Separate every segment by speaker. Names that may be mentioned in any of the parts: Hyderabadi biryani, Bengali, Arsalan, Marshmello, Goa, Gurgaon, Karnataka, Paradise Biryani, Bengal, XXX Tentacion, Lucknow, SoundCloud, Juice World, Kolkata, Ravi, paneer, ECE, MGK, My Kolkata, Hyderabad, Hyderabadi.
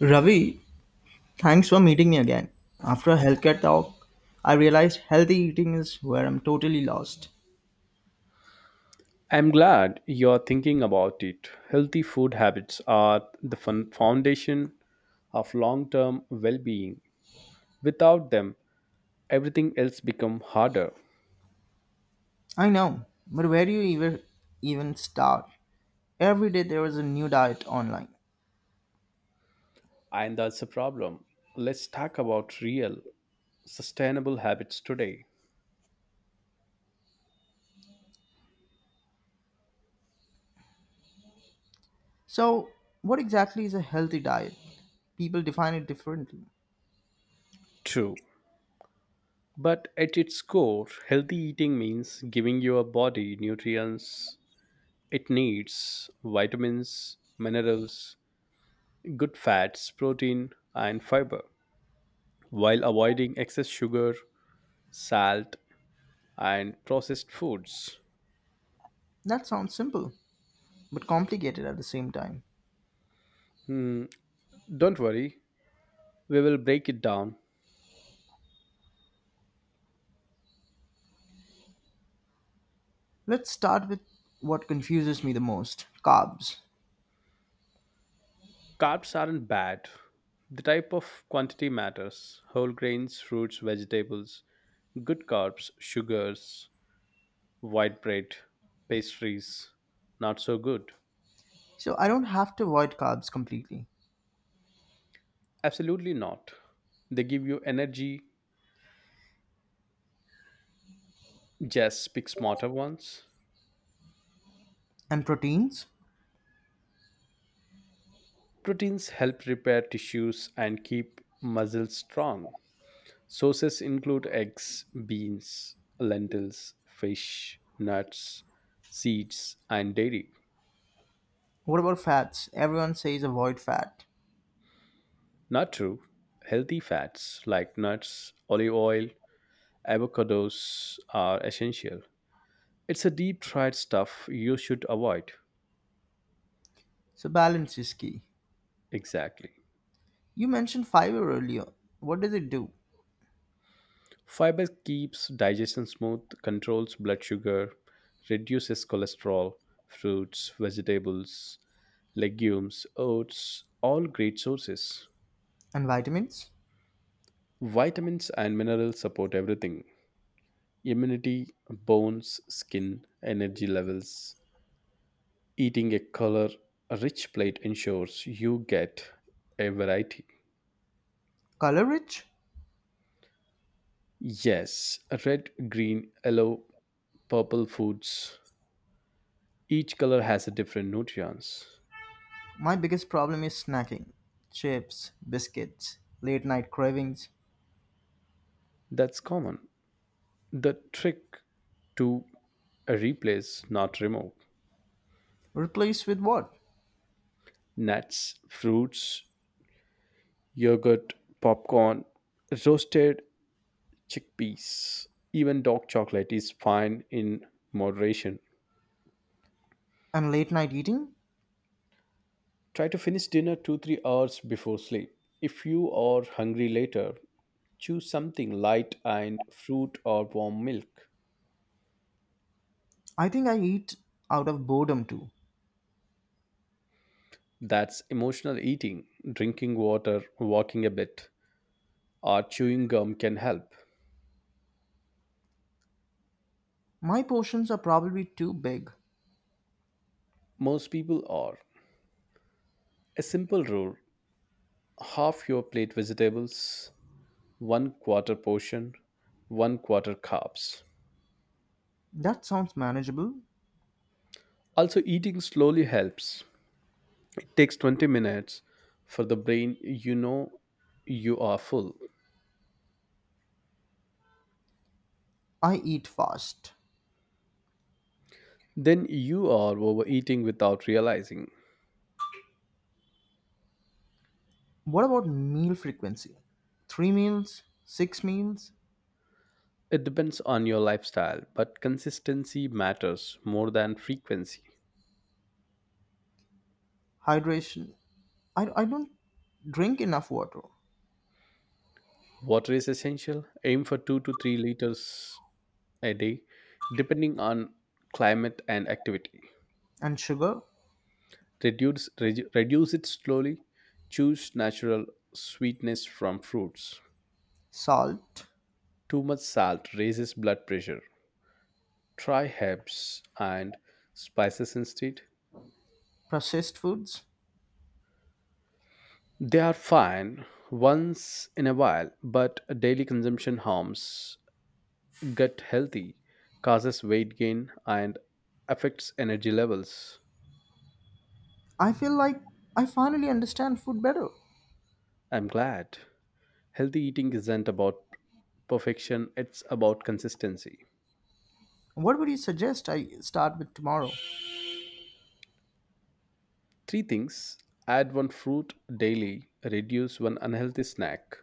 Speaker 1: Ravi, thanks for meeting me again. After a healthcare talk, I realized healthy eating is where I'm totally lost.
Speaker 2: I'm glad you're thinking about it. Healthy food habits are the foundation of long term well being. Without them, everything else becomes harder.
Speaker 1: I know, but where do you even start? Every day there is a new diet online.
Speaker 2: And that's a problem. Let's talk about real, sustainable habits today.
Speaker 1: So, what exactly is a healthy diet? People define it differently.
Speaker 2: True. But at its core, healthy eating means giving your body nutrients it needs vitamins, minerals, good fats, protein, and fiber, while avoiding excess sugar, salt, and processed foods.
Speaker 1: That sounds simple, but complicated at the same time.
Speaker 2: Hmm, don't worry, we will break it down.
Speaker 1: Let's start with what confuses me the most carbs.
Speaker 2: Carbs aren't bad. The type of quantity matters whole grains, fruits, vegetables, good carbs, sugars, white bread, pastries. Not so good.
Speaker 1: So, I don't have to avoid carbs completely.
Speaker 2: Absolutely not. They give you energy, just pick smarter ones.
Speaker 1: And proteins?
Speaker 2: Proteins help repair tissues and keep muscles strong. Sources include eggs, beans, lentils, fish, nuts, seeds, and dairy.
Speaker 1: What about fats? Everyone says avoid fat.
Speaker 2: Not true. Healthy fats like nuts, olive oil, avocados are essential. It's a deep fried stuff you should avoid.
Speaker 1: So balance is key.
Speaker 2: Exactly.
Speaker 1: You mentioned fiber earlier. What does it do?
Speaker 2: Fiber keeps digestion smooth, controls blood sugar, reduces cholesterol, fruits, vegetables, legumes, oats, all great sources.
Speaker 1: And vitamins?
Speaker 2: Vitamins and minerals support everything immunity, bones, skin, energy levels. Eating a color rich plate ensures you get a variety.
Speaker 1: Color rich?
Speaker 2: Yes, red, green, yellow, purple foods. Each color has a different nutrients.
Speaker 1: My biggest problem is snacking. Chips, biscuits, late night cravings.
Speaker 2: That's common. The trick to replace, not remove.
Speaker 1: Replace with what?
Speaker 2: Nuts, fruits, yogurt, popcorn, roasted chickpeas, even dark chocolate is fine in moderation.
Speaker 1: And late night eating?
Speaker 2: Try to finish dinner 2 3 hours before sleep. If you are hungry later, choose something light and fruit or warm milk.
Speaker 1: I think I eat out of boredom too.
Speaker 2: That's emotional eating. Drinking water, walking a bit, or chewing gum can help.
Speaker 1: My portions are probably too big.
Speaker 2: Most people are. A simple rule half your plate vegetables, one quarter portion, one quarter carbs.
Speaker 1: That sounds manageable.
Speaker 2: Also, eating slowly helps. Takes 20 minutes for the brain, you know, you are full.
Speaker 1: I eat fast.
Speaker 2: Then you are overeating without realizing.
Speaker 1: What about meal frequency? Three meals, six meals,
Speaker 2: It depends on your lifestyle, but consistency matters more than frequency.
Speaker 1: hydration. I don't drink enough water
Speaker 2: Water is essential, aim for 2 to 3 liters a day, depending on climate and activity.
Speaker 1: and sugar,
Speaker 2: Reduce reduce it slowly, choose natural sweetness from fruits.
Speaker 1: salt,
Speaker 2: Too much salt raises blood pressure. Try herbs and spices instead.
Speaker 1: processed foods.
Speaker 2: They are fine once in a while, but daily consumption harms gut healthy, causes weight gain, and affects energy levels.
Speaker 1: I feel like I finally understand food better.
Speaker 2: I'm glad. Healthy eating isn't about perfection, it's about consistency.
Speaker 1: What would you suggest I start with tomorrow?
Speaker 2: Three things add one fruit daily, reduce one unhealthy snack,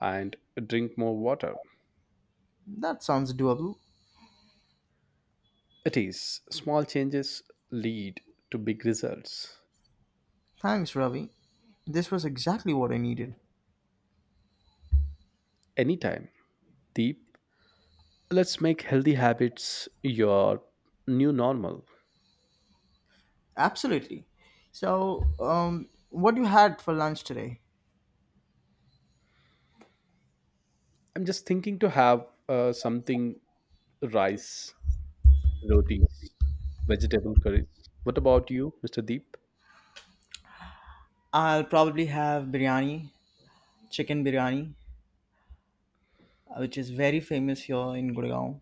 Speaker 2: and drink more water.
Speaker 1: That sounds doable.
Speaker 2: It is. Small changes lead to big results.
Speaker 1: Thanks, Ravi. This was exactly what I needed.
Speaker 2: Anytime. Deep. Let's make healthy habits your new normal.
Speaker 1: Absolutely. So, what you had for lunch today?
Speaker 2: I'm just thinking to have something rice, rotis, vegetable curries. What about you, Mr. Deep?
Speaker 1: I'll probably have biryani, chicken biryani, which is very famous here in Gurgaon.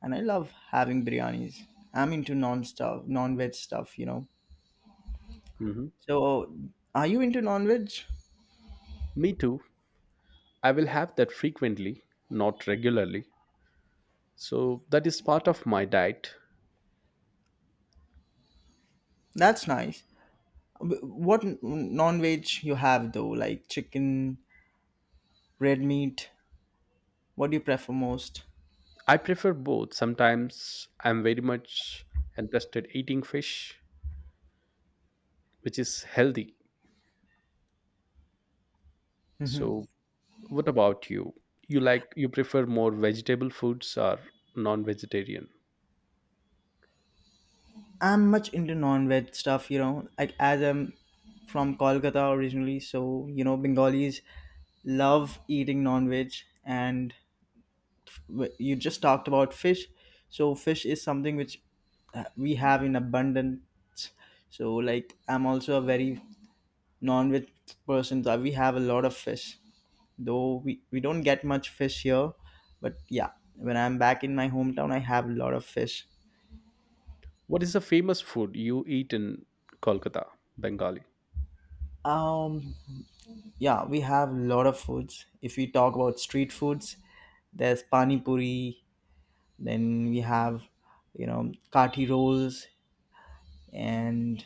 Speaker 1: And I love having biryanis. I'm into non stuff, non veg stuff,
Speaker 2: Hmm.
Speaker 1: So, are you into non veg?
Speaker 2: Me too. I will have that frequently, not regularly. So that is part of my diet.
Speaker 1: That's nice. What non veg you have though? Like chicken, red meat. What do you prefer most?
Speaker 2: I prefer both. Sometimes I'm very much interested eating fish, which is healthy.
Speaker 1: Hmm.
Speaker 2: So, what about you? You like you prefer more vegetable foods or non-vegetarian?
Speaker 1: I'm much into non-veg stuff, Like as I'm from Kolkata originally, so you know Bengalis love eating non-veg, and you just talked about fish, so fish is something which we have in abundance. So like I'm also a very non-veg person, so we have a lot of fish, though we don't get much fish here, but yeah, when I'm back in my hometown I have a lot of fish.
Speaker 2: What is the famous food you eat in Kolkata, Bengali?
Speaker 1: um yeah, we have a lot of foods. If we talk about street foods, there's pani puri, then we have, you know, kati rolls, and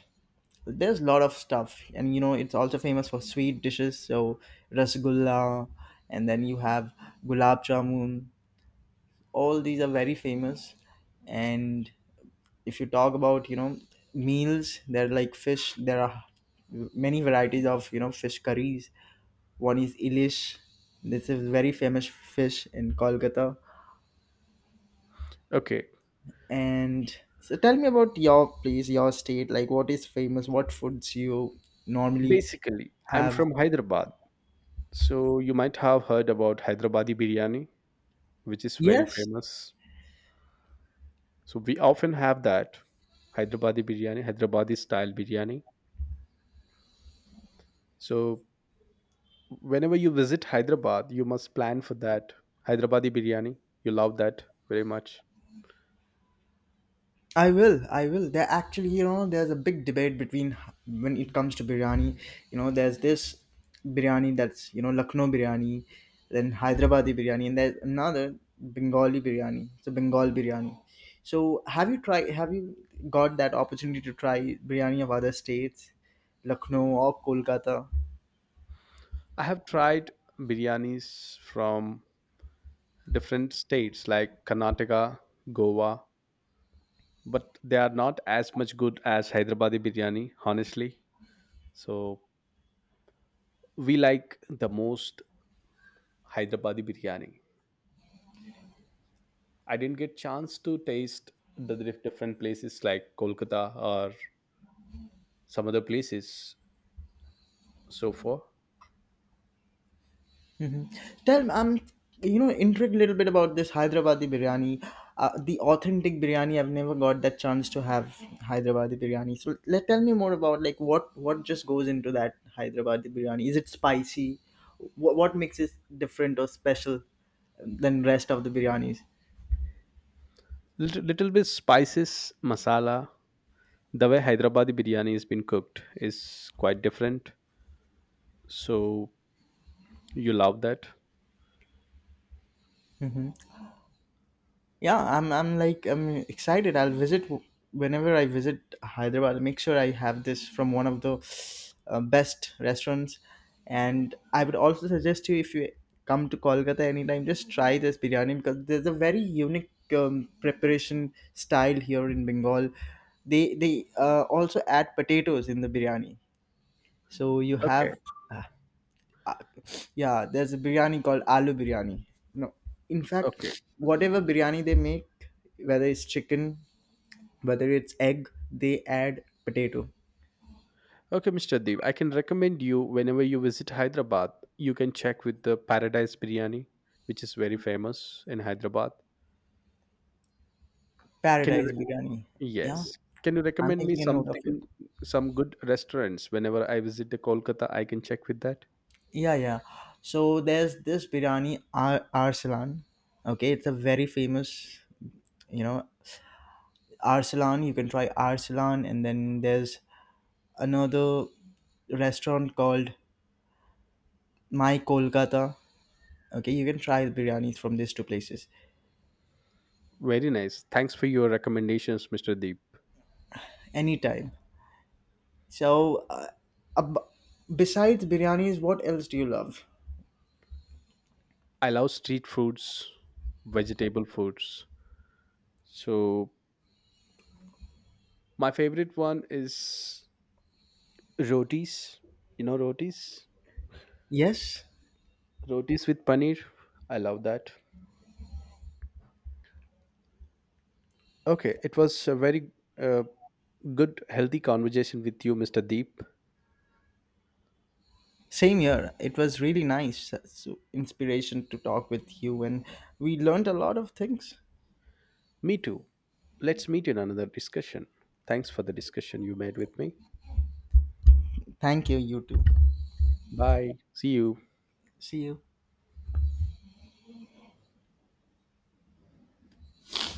Speaker 1: there's a lot of stuff, and you know it's also famous for sweet dishes, so rasgulla, and then you have gulab jamun. All these are very famous. And if you talk about, you know, meals, there are like fish, there are many varieties of, you know, fish curries. One is ilish. This is very famous fish in Kolkata.
Speaker 2: Okay,
Speaker 1: And so tell me about your place, your state, like what is famous, what foods you normally
Speaker 2: basically, I'm
Speaker 1: have.
Speaker 2: from Hyderabad, so you might have heard about Hyderabadi biryani, which is very
Speaker 1: Yes,
Speaker 2: famous. So we often have that Hyderabadi biryani, Hyderabadi style biryani. So whenever you visit Hyderabad, you must plan for that Hyderabadi biryani. You love that very much.
Speaker 1: I will, I will. There actually, you know, there's a big debate between when it comes to biryani. You know, there's this biryani that's, you know, Lucknow biryani, then Hyderabadi biryani, and there's another Bengali biryani. It's a Bengal biryani. So have you tried? Have you got that opportunity to try biryani of other states, Lucknow or Kolkata?
Speaker 2: I have tried biryanis from different states like Karnataka, Goa, but they are not as much good as Hyderabadi biryani, honestly. So we like the most Hyderabadi biryani. I didn't get chance to taste the different places like Kolkata or some other places so far.
Speaker 1: Mhm. Tell me, I'm, you know, intrigued a little bit about this Hyderabadi biryani, the authentic biryani. I've never got that chance to have Hyderabadi biryani. So let tell me more about like what just goes into that Hyderabadi biryani. Is it spicy? What makes it different or special than rest of the biryanis?
Speaker 2: Little, little bit spices, masala. The way Hyderabadi biryani has been cooked is quite different. So you love that.
Speaker 1: Yeah, I'm like I'm excited. I'll visit whenever I visit Hyderabad. I'll make sure I have this from one of the best restaurants. And I would also suggest you, if you come to Kolkata anytime, just try this biryani because there's a very unique preparation style here in Bengal. They also add potatoes in the biryani, so you
Speaker 2: Okay,
Speaker 1: have uh, uh, yeah, there's a biryani called aloo biryani. No, in
Speaker 2: okay.
Speaker 1: fact, whatever biryani they make, whether it's chicken, whether it's egg, they add potato.
Speaker 2: Okay, Mr. Deep, I can recommend you whenever you visit Hyderabad, you can check with the Paradise Biryani, which is very famous in Hyderabad. Can you
Speaker 1: Paradise biryani. Yeah,
Speaker 2: yes. Can you
Speaker 1: I'm
Speaker 2: recommend me
Speaker 1: making a note of it.
Speaker 2: something some good restaurants whenever I visit the Kolkata, I can check with that?
Speaker 1: Yeah, yeah. So there's this biryani Arsalan. Okay, it's a very famous, you know, Arsalan. You can try Arsalan, and then there's another restaurant called My Kolkata. Okay, you can try the biryanis from these two places.
Speaker 2: Very nice. Thanks for your recommendations, Mr. Deep.
Speaker 1: Anytime. So, ab- besides biryanis, what else do you love?
Speaker 2: I love street foods, vegetable foods. So my favorite one is rotis. You know rotis?
Speaker 1: Yes,
Speaker 2: Rotis with paneer. I love that. Okay, it was a very uh, good, healthy conversation with you, Mr. Deep.
Speaker 1: same here. It was really nice. So inspiration to talk with you, and we learned a lot of things.
Speaker 2: Me too. Let's meet in another discussion. Thanks for the discussion you made with me.
Speaker 1: Thank you, you too.
Speaker 2: Bye. See you.
Speaker 1: See you.